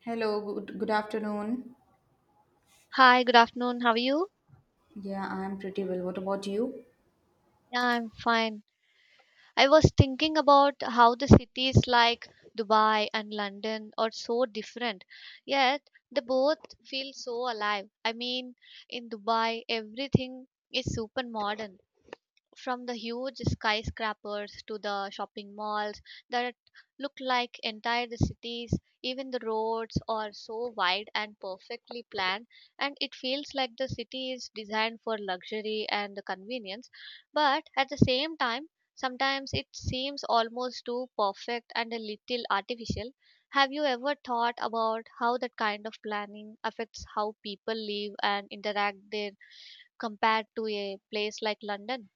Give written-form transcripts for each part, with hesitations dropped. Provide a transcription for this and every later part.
Hello, good afternoon. Hi, good afternoon. How are you? Yeah, I'm pretty well. What about you? Yeah, I'm fine. I was thinking about how the cities like Dubai and London are so different, yet they both feel so alive. In Dubai, everything is super modern from the huge skyscrapers to the shopping malls that look like entire the cities. Even the roads are so wide and perfectly planned, and it feels like the city is designed for luxury and the convenience. But at the same time, sometimes it seems almost too perfect and a little artificial. Have you ever thought about how that kind of planning affects how people live and interact there compared to a place like London?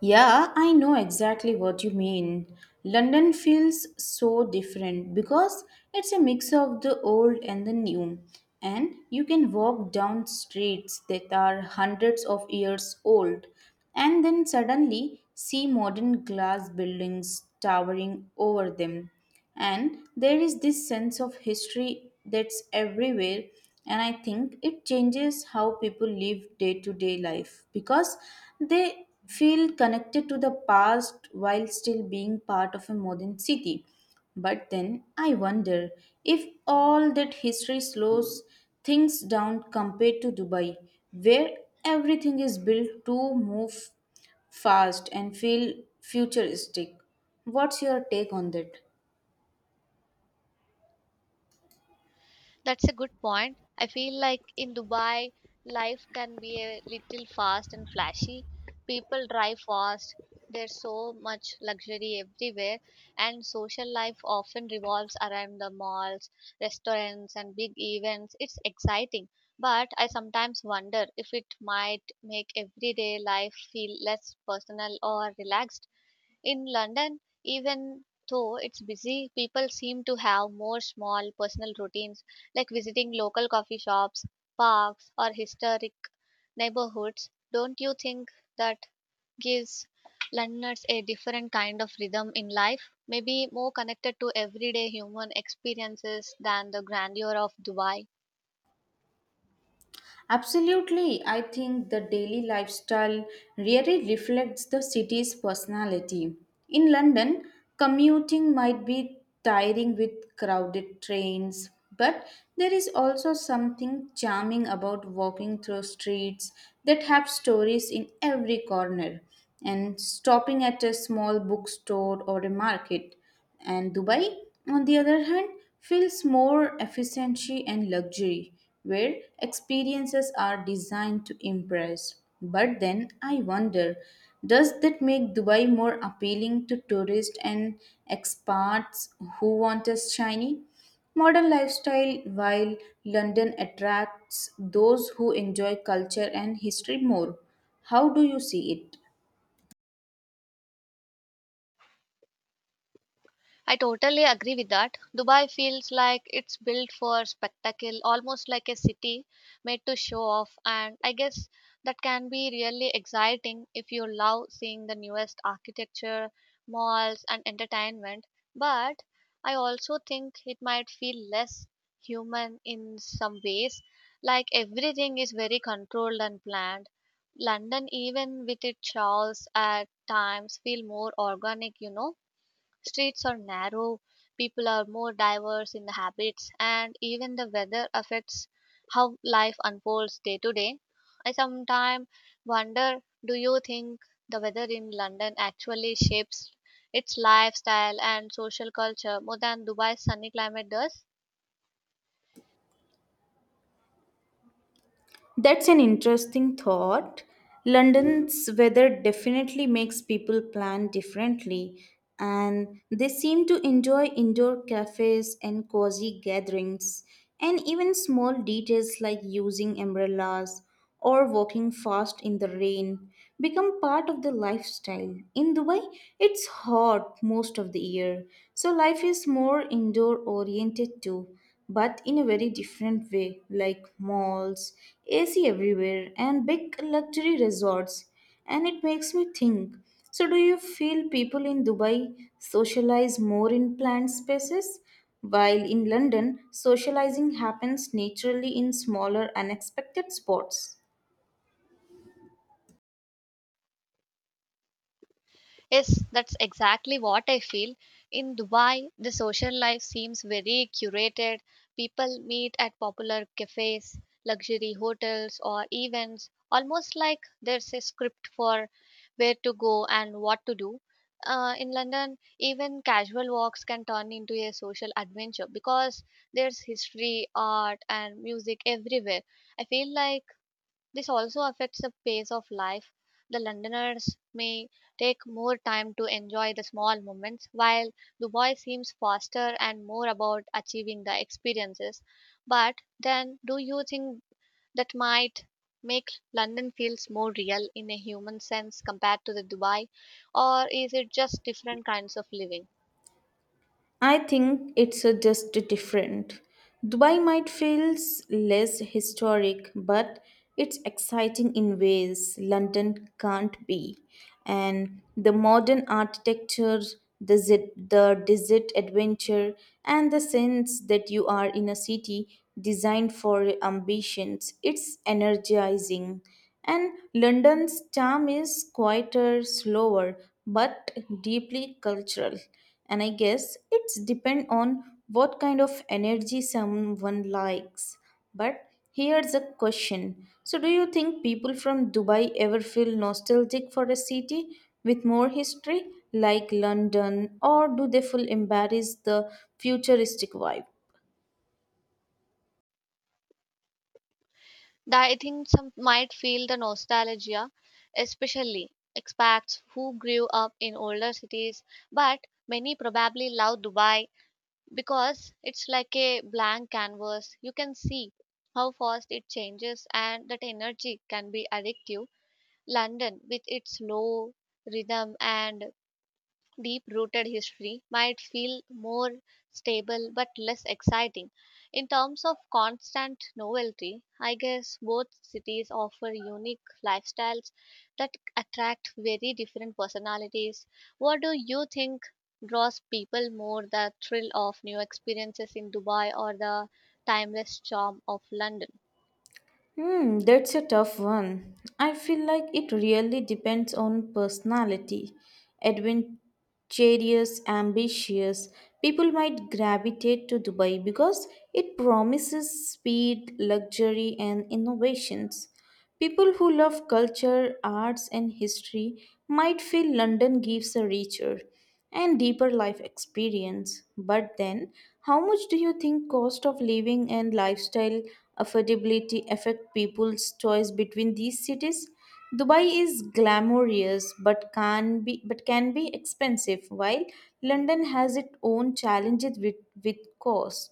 Yeah, I know exactly what you mean. London feels so different because it's a mix of the old and the new. And you can walk down streets that are hundreds of years old and then suddenly see modern glass buildings towering over them. And there is this sense of history that's everywhere, and I think it changes how people live day to day life because they feel connected to the past while still being part of a modern city. But then I wonder if all that history slows things down compared to Dubai, where everything is built to move fast and feel futuristic. What's your take on that? That's a good point. I feel like in Dubai, life can be a little fast and flashy. People drive fast, there's so much luxury everywhere, and social life often revolves around the malls, restaurants, and big events. It's exciting, but I sometimes wonder if it might make everyday life feel less personal or relaxed. In London, even though it's busy, people seem to have more small personal routines like visiting local coffee shops, parks, or historic neighborhoods. Don't you think that gives Londoners a different kind of rhythm in life? Maybe more connected to everyday human experiences than the grandeur of Dubai. Absolutely. I think the daily lifestyle really reflects the city's personality. In London, commuting might be tiring with crowded trains, but there is also something charming about walking through streets that have stories in every corner and stopping at a small bookstore or a market. And Dubai, on the other hand, feels more efficiency and luxury, where experiences are designed to impress. But then I wonder, does that make Dubai more appealing to tourists and expats who want a shiny, modern lifestyle, while London attracts those who enjoy culture and history more? How do you see it? I totally agree with that. Dubai feels like it's built for spectacle, almost like a city made to show off, and I guess that can be really exciting if you love seeing the newest architecture, malls, and entertainment. But I also think it might feel less human in some ways, like everything is very controlled and planned. London, even with its chaos at times, feel more organic, Streets are narrow, people are more diverse in the habits, and even the weather affects how life unfolds day to day. I sometimes wonder, do you think the weather in London actually shapes its lifestyle and social culture more than Dubai's sunny climate does? That's an interesting thought. London's weather definitely makes people plan differently, and they seem to enjoy indoor cafes and cozy gatherings, and even small details like using umbrellas or walking fast in the rain become part of the lifestyle. In Dubai, it's hot most of the year, so life is more indoor oriented too, but in a very different way, like malls, AC everywhere, and big luxury resorts, and it makes me think. So, do you feel people in Dubai socialize more in planned spaces? While in London, socializing happens naturally in smaller, unexpected spots. Yes, that's exactly what I feel. In Dubai, the social life seems very curated. People meet at popular cafes, luxury hotels, or events, almost like there's a script for where to go and what to do. In London, even casual walks can turn into a social adventure because there's history, art, and music everywhere. I feel like this also affects the pace of life. The Londoners may take more time to enjoy the small moments, while Dubai seems faster and more about achieving the experiences. But then, do you think that might make London feels more real in a human sense compared to the Dubai, or is it just different kinds of living? I think it's just different. Dubai might feel less historic, but it's exciting in ways London can't be. And the modern architecture, the desert adventure, and the sense that you are in a city designed for your ambitions, it's energizing. And London's charm is quieter, slower, but deeply cultural, and I guess it's depend on what kind of energy someone likes. But here's a question. So, do you think people from Dubai ever feel nostalgic for a city with more history like London, or do they feel embarrassed the futuristic vibe? That, I think some might feel the nostalgia, especially expats who grew up in older cities, but many probably love Dubai because it's like a blank canvas. You can see how fast it changes, and that energy can be addictive. London with its slow rhythm and deep rooted history might feel more stable but less exciting. In terms of constant novelty, I guess both cities offer unique lifestyles that attract very different personalities. What do you think draws people more, the thrill of new experiences in Dubai or the timeless charm of London? Hmm, that's a tough one. I feel like it really depends on personality. Adventurous, ambitious people might gravitate to Dubai because it promises speed, luxury, and innovations. People who love culture, arts, and history might feel London gives a richer and deeper life experience. But then, how much do you think cost of living and lifestyle affordability affect people's choice between these cities? Dubai is glamorous but can be expensive, while London has its own challenges with cost.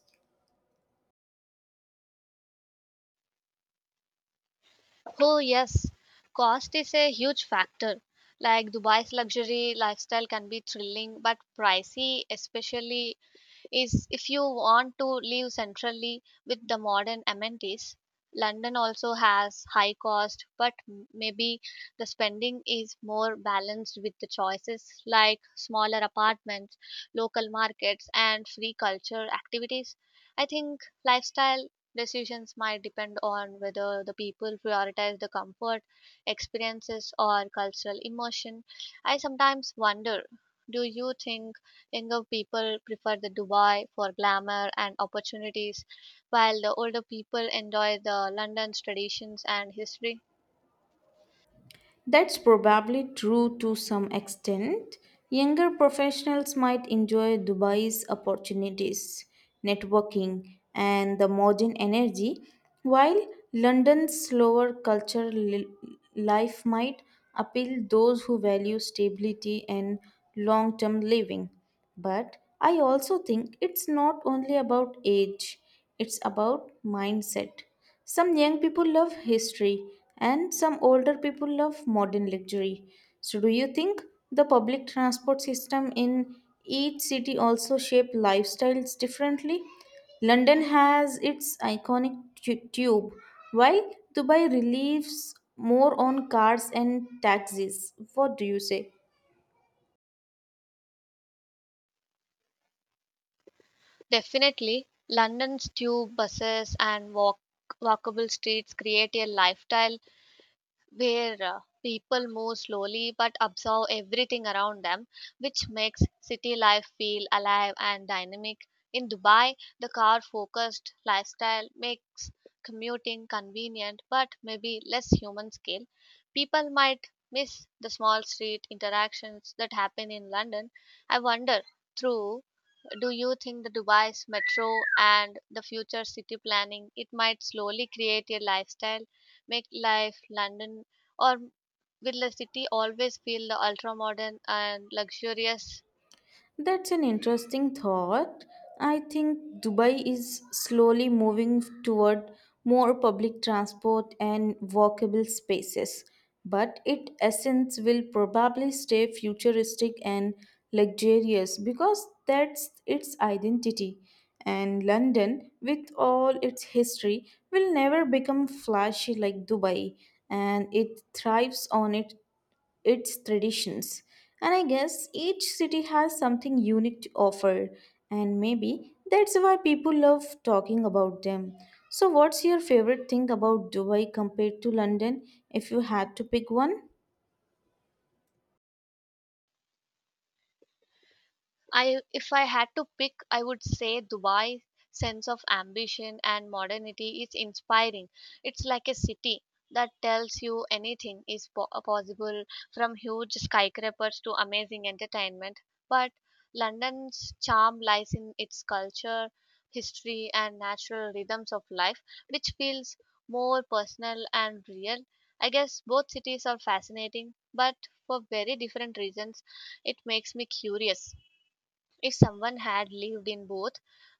Oh, yes, cost is a huge factor. Like, Dubai's luxury lifestyle can be thrilling but pricey, especially is if you want to live centrally with the modern amenities. London also has high cost, but maybe the spending is more balanced with the choices like smaller apartments, local markets, and free culture activities. I think lifestyle decisions might depend on whether the people prioritize the comfort, experiences, or cultural immersion. I sometimes wonder, do you think younger people prefer the Dubai for glamour and opportunities, while the older people enjoy the London's traditions and history? That's probably true to some extent. Younger professionals might enjoy Dubai's opportunities, networking, and the modern energy, while London's slower life might appeal those who value stability and long-term living. But I also think it's not only about age, it's about mindset. Some young people love history and some older people love modern luxury. So, do you think the public transport system in each city also shape lifestyles differently? London has its iconic tube, while Dubai relies more on cars and taxis. What do you say? Definitely, London's tube buses and walkable streets create a lifestyle where people move slowly but observe everything around them, which makes city life feel alive and dynamic. In Dubai, the car focused lifestyle makes commuting convenient but maybe less human scale. People might miss the small street interactions that happen in London. I wonder through, do you think the Dubai's metro and the future city planning it might slowly create a lifestyle make life London, or will the city always feel the ultra modern and luxurious? That's an interesting thought. I think Dubai is slowly moving toward more public transport and walkable spaces, but its essence will probably stay futuristic and luxurious because that's its identity. And London, with all its history, will never become flashy like Dubai, and it thrives on it its traditions. And I guess each city has something unique to offer, and maybe that's why people love talking about them. So, what's your favorite thing about Dubai compared to London if you had to pick one? I if I had to pick, I would say Dubai sense of ambition and modernity is inspiring. It's like a city that tells you anything is possible, from huge skyscrapers to amazing entertainment. But London's charm lies in its culture, history, and natural rhythms of life, which feels more personal and real. I guess both cities are fascinating, but for very different reasons. It makes me curious, if someone had lived in both,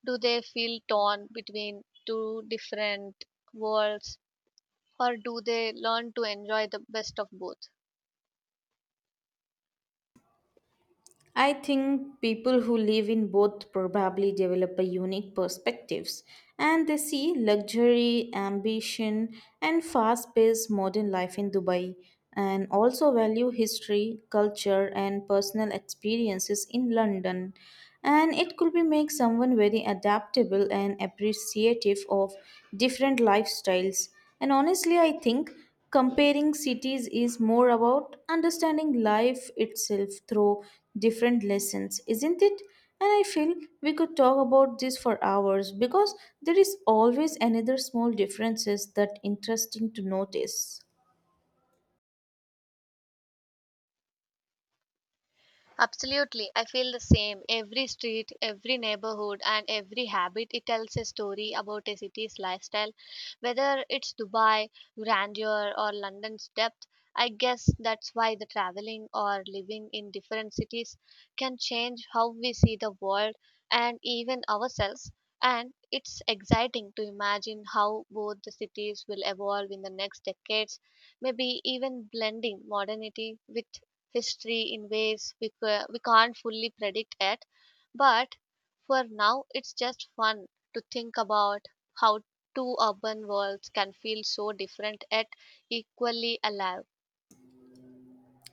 do they feel torn between two different worlds, or do they learn to enjoy the best of both? I think people who live in both probably develop a unique perspectives, and they see luxury, ambition and fast-paced modern life in Dubai, and also value history, culture and personal experiences in London, and it could be make someone very adaptable and appreciative of different lifestyles. And honestly, I think comparing cities is more about understanding life itself through different lessons, isn't it? And I feel we could talk about this for hours because there is always another small differences that interesting to notice. Absolutely. I feel the same. Every street, every neighborhood, and every habit, it tells a story about a city's lifestyle. Whether it's Dubai, grandeur, or London's depth, I guess that's why the traveling or living in different cities can change how we see the world and even ourselves. And it's exciting to imagine how both the cities will evolve in the next decades, maybe even blending modernity with history in ways we, we can't fully predict yet. But for now, it's just fun to think about how two urban worlds can feel so different yet equally alive.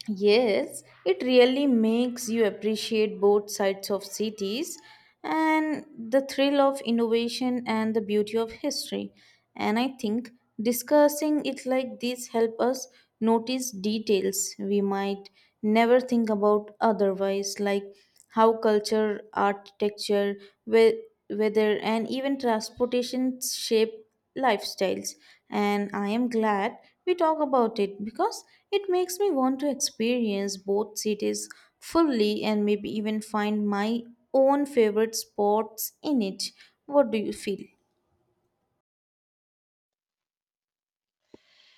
Yes, it really makes you appreciate both sides of cities, and the thrill of innovation and the beauty of history. And I think discussing it like this help us notice details we might never think about otherwise, like how culture, architecture, we weather, and even transportation shape lifestyles. And I am glad we talk about it because it makes me want to experience both cities fully and maybe even find my own favorite spots in it. What do you feel?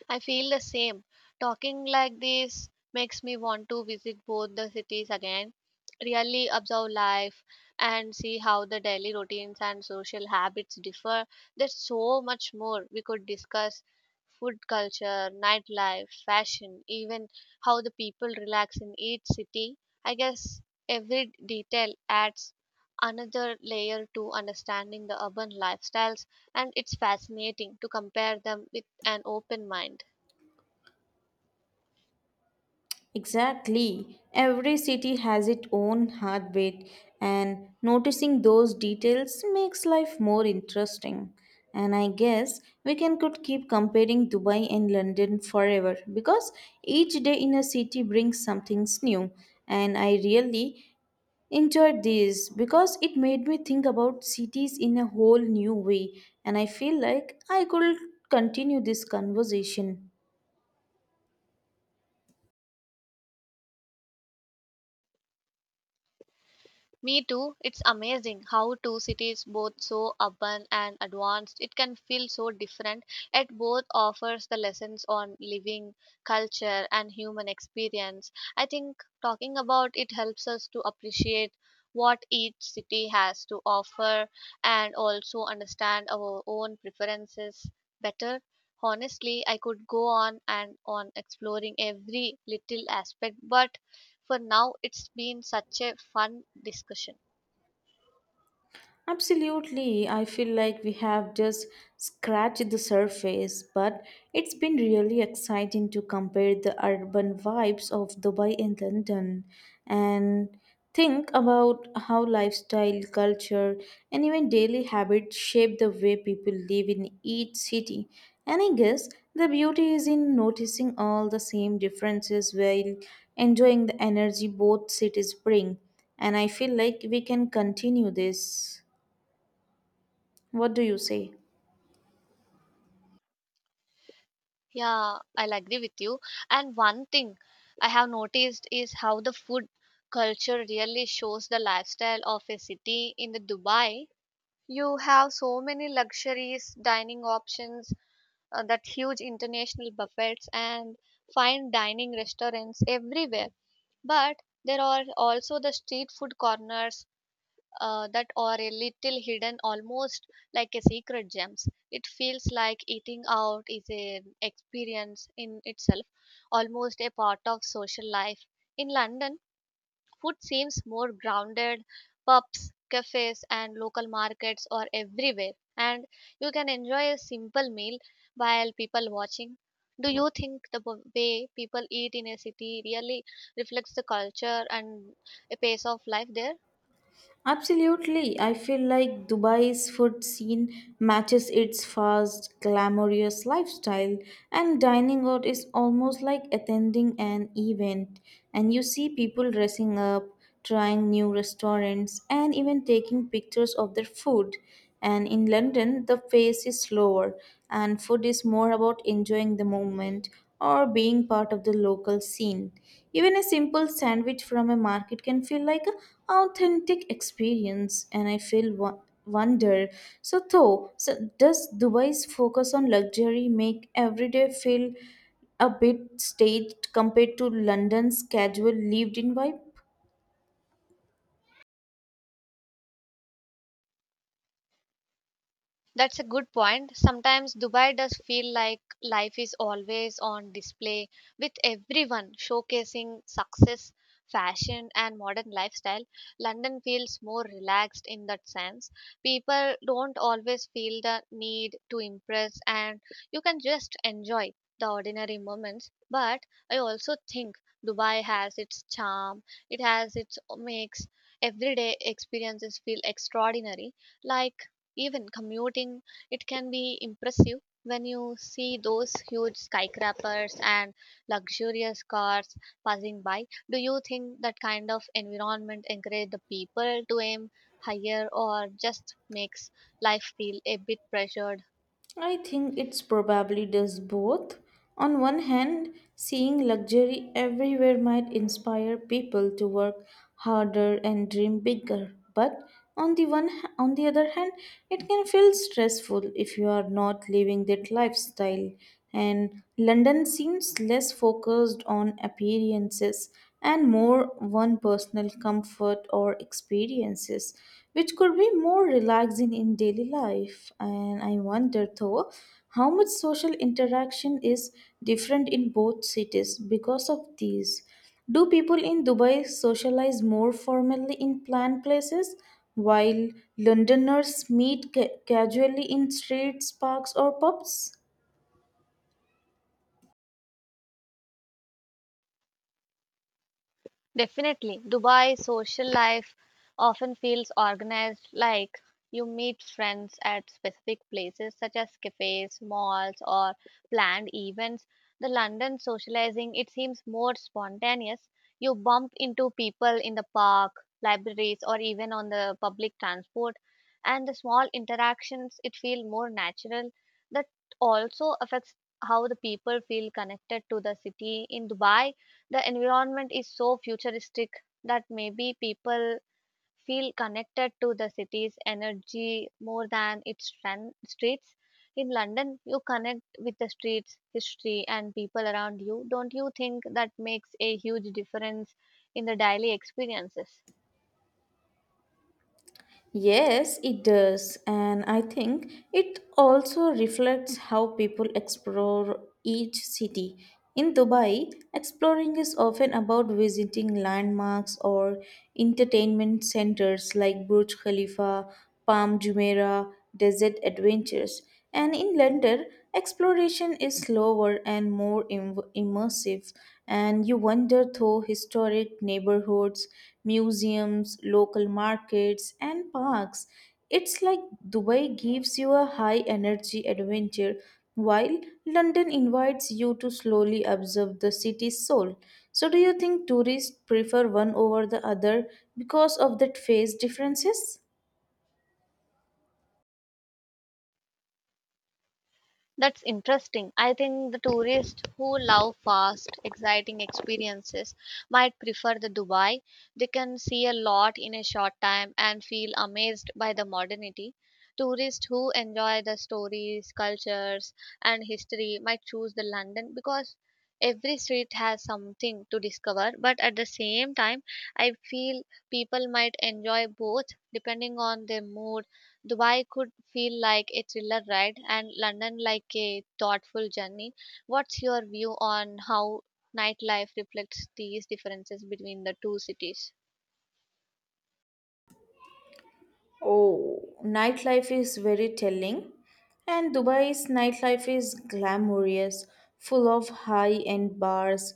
I feel the same. Talking like this makes me want to visit both the cities again, really observe life, and see how the daily routines and social habits differ. There's so much more we could discuss, food culture, nightlife, fashion, even how the people relax in each city. I guess every detail adds another layer to understanding the urban lifestyles, and it's fascinating to compare them with an open mind. Exactly. Every city has its own heartbeat, and noticing those details makes life more interesting. And I guess we can could keep comparing Dubai and London forever because each day in a city brings something new. And I really enjoyed this because it made me think about cities in a whole new way. And I feel like I could continue this conversation. Me too. It's amazing how two cities, both so urban and advanced, it can feel so different. Yet both offers the lessons on living, culture, and human experience. I think talking about it helps us to appreciate what each city has to offer and also understand our own preferences better. Honestly, I could go on and on exploring every little aspect, but for now it's been such a fun discussion. Absolutely. I feel like we have just scratched the surface, but it's been really exciting to compare the urban vibes of Dubai and London and think about how lifestyle, culture, and even daily habits shape the way people live in each city. And I guess the beauty is in noticing all the same differences while enjoying the energy both cities bring. And I feel like we can continue this. What do you say? Yeah, I'll agree with you. And one thing I have noticed is how the food culture really shows the lifestyle of a city. In the Dubai, you have so many luxuries dining options, that huge international buffets and fine dining restaurants everywhere, but there are also the street food corners, that are a little hidden, almost like a secret gems. It feels like eating out is an experience in itself, almost a part of social life. In London, food seems more grounded. Pubs, cafes, and local markets are everywhere, and you can enjoy a simple meal while people watching. Do you think the way people eat in a city really reflects the culture and a pace of life there? Absolutely. I feel like Dubai's food scene matches its fast, glamorous lifestyle, and dining out is almost like attending an event. And you see people dressing up, trying new restaurants, and even taking pictures of their food. And in London, the pace is slower, and food is more about enjoying the moment or being part of the local scene. Even a simple sandwich from a market can feel like an authentic experience, and I feel wonder. So, though, so does Dubai's focus on luxury make everyday feel a bit staged compared to London's casual lived in vibe? That's a good point. Sometimes Dubai does feel like life is always on display, with everyone showcasing success, fashion, and modern lifestyle. London feels more relaxed in that sense. People don't always feel the need to impress, and you can just enjoy the ordinary moments. But I also think Dubai has its charm. It has its makes everyday experiences feel extraordinary, like, even commuting it can be impressive when you see those huge skyscrapers and luxurious cars passing by. Do you think that kind of environment encourage the people to aim higher, or just makes life feel a bit pressured? I think it's probably does both. On one hand, seeing luxury everywhere might inspire people to work harder and dream bigger. But on the other hand, it can feel stressful if you are not living that lifestyle, and London seems less focused on appearances and more on personal comfort or experiences, which could be more relaxing in daily life. And I wonder though how much social interaction is different in both cities because of these. Do people in Dubai socialize more formally in planned places, while Londoners meet casually in streets, parks, or pubs? Definitely. Dubai social life often feels organized, like you meet friends at specific places such as cafes, malls, or planned events. The London socializing it seems more spontaneous. You bump into people in the park, libraries, or even on the public transport, and the small interactions it feel more natural. That also affects how the people feel connected to the city. In Dubai, the environment is so futuristic that maybe people feel connected to the city's energy more than its streets. In London, you connect with the streets, history, and people around you. Don't you think that makes a huge difference in the daily experiences? Yes, it does. And I think it also reflects how people explore each city. In Dubai, exploring is often about visiting landmarks or entertainment centers like Burj Khalifa, Palm Jumeirah, Desert Adventures, and in London, exploration is slower and more immersive, and you wander through historic neighborhoods, museums, local markets, and parks. It's like Dubai gives you a high energy adventure, while London invites you to slowly observe the city's soul. So, do you think tourists prefer one over the other because of that phase differences? That's interesting. I think the tourists who love fast, exciting experiences might prefer the Dubai. They can see a lot in a short time and feel amazed by the modernity. Tourists who enjoy the stories, cultures, and history might choose the London because every street has something to discover. But at the same time, I feel people might enjoy both depending on their mood. Dubai could feel like a thriller ride and London like a thoughtful journey. What's your view on how nightlife reflects these differences between the two cities? Oh, nightlife is very telling. And Dubai's nightlife is glamorous, full of high end bars,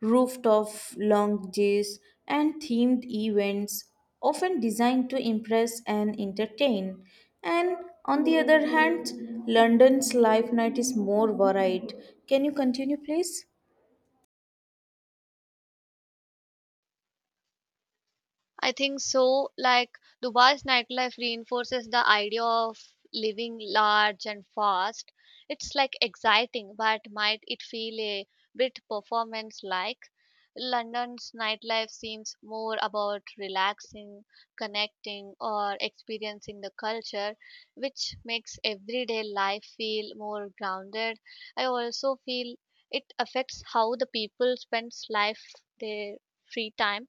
rooftop lounges, and themed events, often designed to impress and entertain. And on the other hand, London's life night is more varied. Can you continue, please? I think so. Like, Dubai's nightlife reinforces the idea of living large and fast. It's like exciting, but might it feel a bit performance like? London's nightlife seems more about relaxing, connecting, or experiencing the culture, which makes everyday life feel more grounded. I also feel it affects how the people spends life their free time.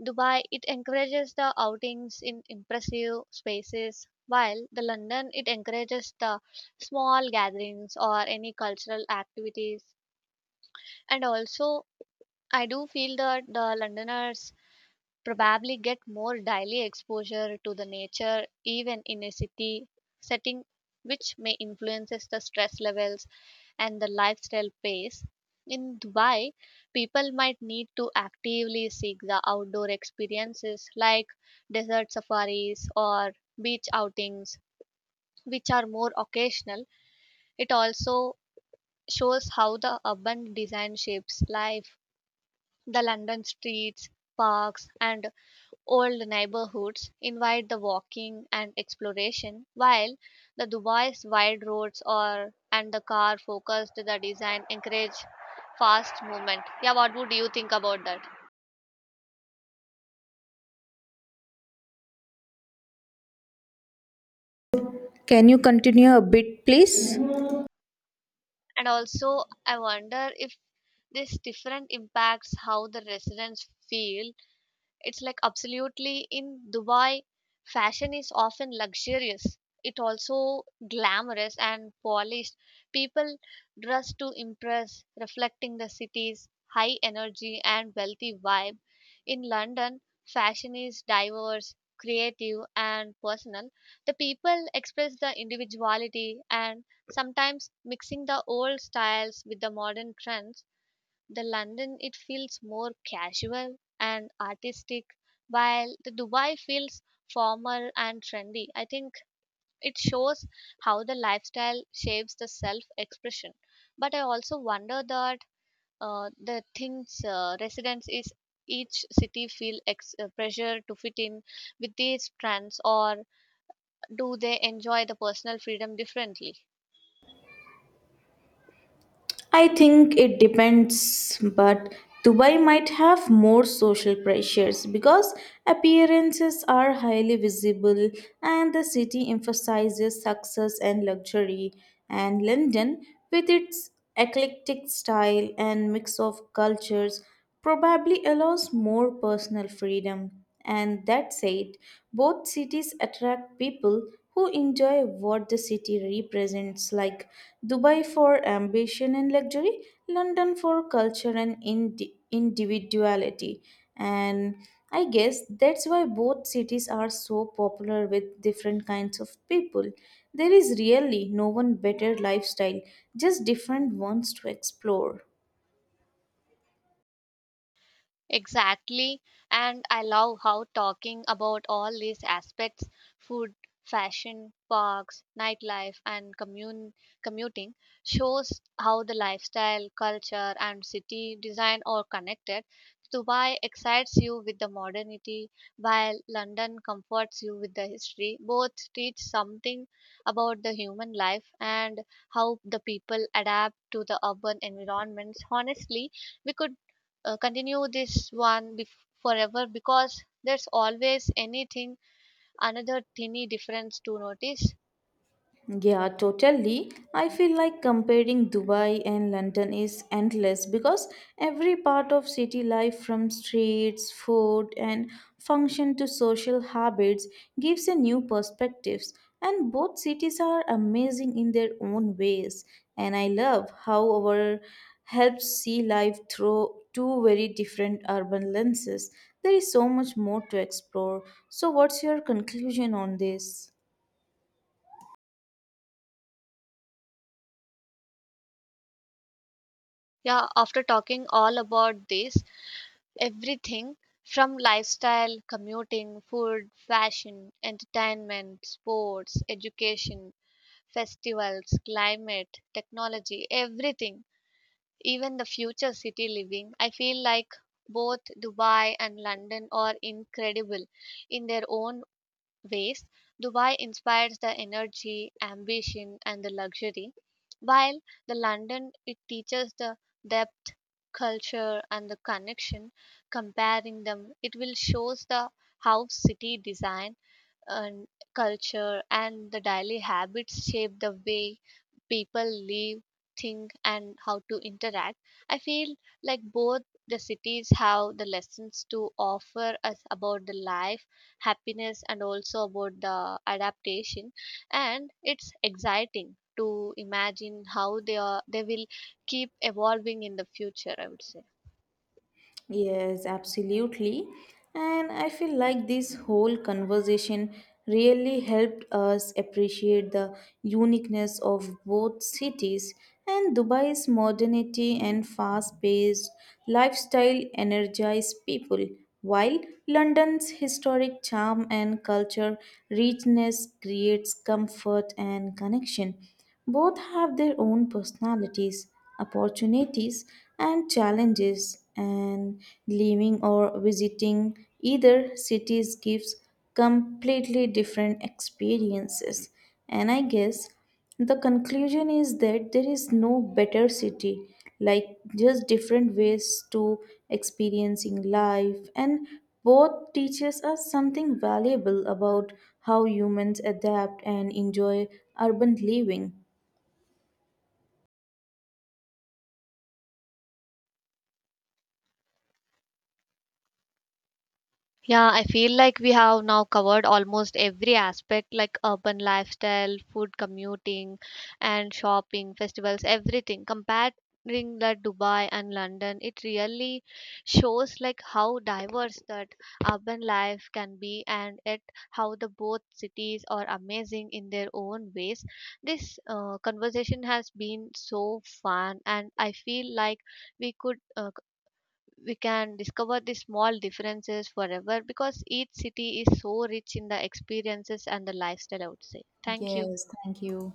Dubai it encourages the outings in impressive spaces, while the London it encourages the small gatherings or any cultural activities. And also, I do feel that the Londoners probably get more daily exposure to the nature even in a city setting, which may influences the stress levels and the lifestyle pace. In Dubai, people might need to actively seek the outdoor experiences like desert safaris or beach outings, which are more occasional. It also shows how the urban design shapes life. The London streets, parks, and old neighborhoods invite the walking and exploration, while the Dubai's wide roads are and the car focused the design encourage fast movement. Yeah, what would you think about that? Can you continue a bit, please? And also, I wonder if this different impacts how the residents feel. It's like absolutely in Dubai, fashion is often luxurious. It also glamorous and polished. People dress to impress, reflecting the city's high energy and wealthy vibe. In London, fashion is diverse, creative and personal. The people express the individuality and sometimes mixing the old styles with the modern trends. The London it feels more casual and artistic, while the Dubai feels formal and trendy. I think it shows how the lifestyle shapes the self expression. But I also wonder that the things residents is each city feel pressure to fit in with these trends or do they enjoy the personal freedom differently. I think it depends, but Dubai might have more social pressures because appearances are highly visible and the city emphasizes success and luxury. And London, with its eclectic style and mix of cultures, probably allows more personal freedom. And that said, both cities attract people who enjoy what the city represents, like Dubai for ambition and luxury, London for culture and individuality. And I guess that's why both cities are so popular with different kinds of people. There is really no one better lifestyle, just different ones to explore. Exactly. And I love how talking about all these aspects: food, fashion, parks, nightlife, and commuting shows how the lifestyle, culture, and city design are connected. Dubai excites you with the modernity, while London comforts you with the history. Both teach something about the human life and how the people adapt to the urban environments. Honestly, we could continue this one forever because there's always anything another tiny difference to notice. Yeah, totally. I feel like comparing Dubai and London is endless because every part of city life, from streets, food, and function to social habits, gives a new perspectives. And both cities are amazing in their own ways. And I love how our helps see life through two very different urban lenses. There is so much more to explore. So, what's your conclusion on this? Yeah, after talking all about this, everything from lifestyle, commuting, food, fashion, entertainment, sports, education, festivals, climate, technology, everything, even the future city living, I feel like both Dubai and London are incredible in their own ways. Dubai inspires the energy, ambition, and the luxury, while the London it teaches the depth, culture, and the connection. Comparing them, it will shows the how city design and culture and the daily habits shape the way people live, think, and how to interact. I feel like both the cities have the lessons to offer us about the life, happiness, and also about the adaptation, and it's exciting to imagine how they will keep evolving in the future, I would say. Yes, absolutely. And I feel like this whole conversation really helped us appreciate the uniqueness of both cities, and Dubai's modernity and fast paced lifestyle energize people, while London's historic charm and culture richness creates comfort and connection. Both have their own personalities, opportunities, and challenges, and living or visiting either cities gives completely different experiences. And I guess the conclusion is that there is no better city, like just different ways to experiencing life, and both teaches us something valuable about how humans adapt and enjoy urban living. Yeah, I feel like we have now covered almost every aspect like urban lifestyle, food, commuting, and shopping, festivals, everything. Comparing the Dubai and London, it really shows like how diverse that urban life can be and it how the both cities are amazing in their own ways. This conversation has been so fun and I feel like we could uh, we can discover the small differences forever because each city is so rich in the experiences and the lifestyle, I would say. Thank you. Yes, thank you.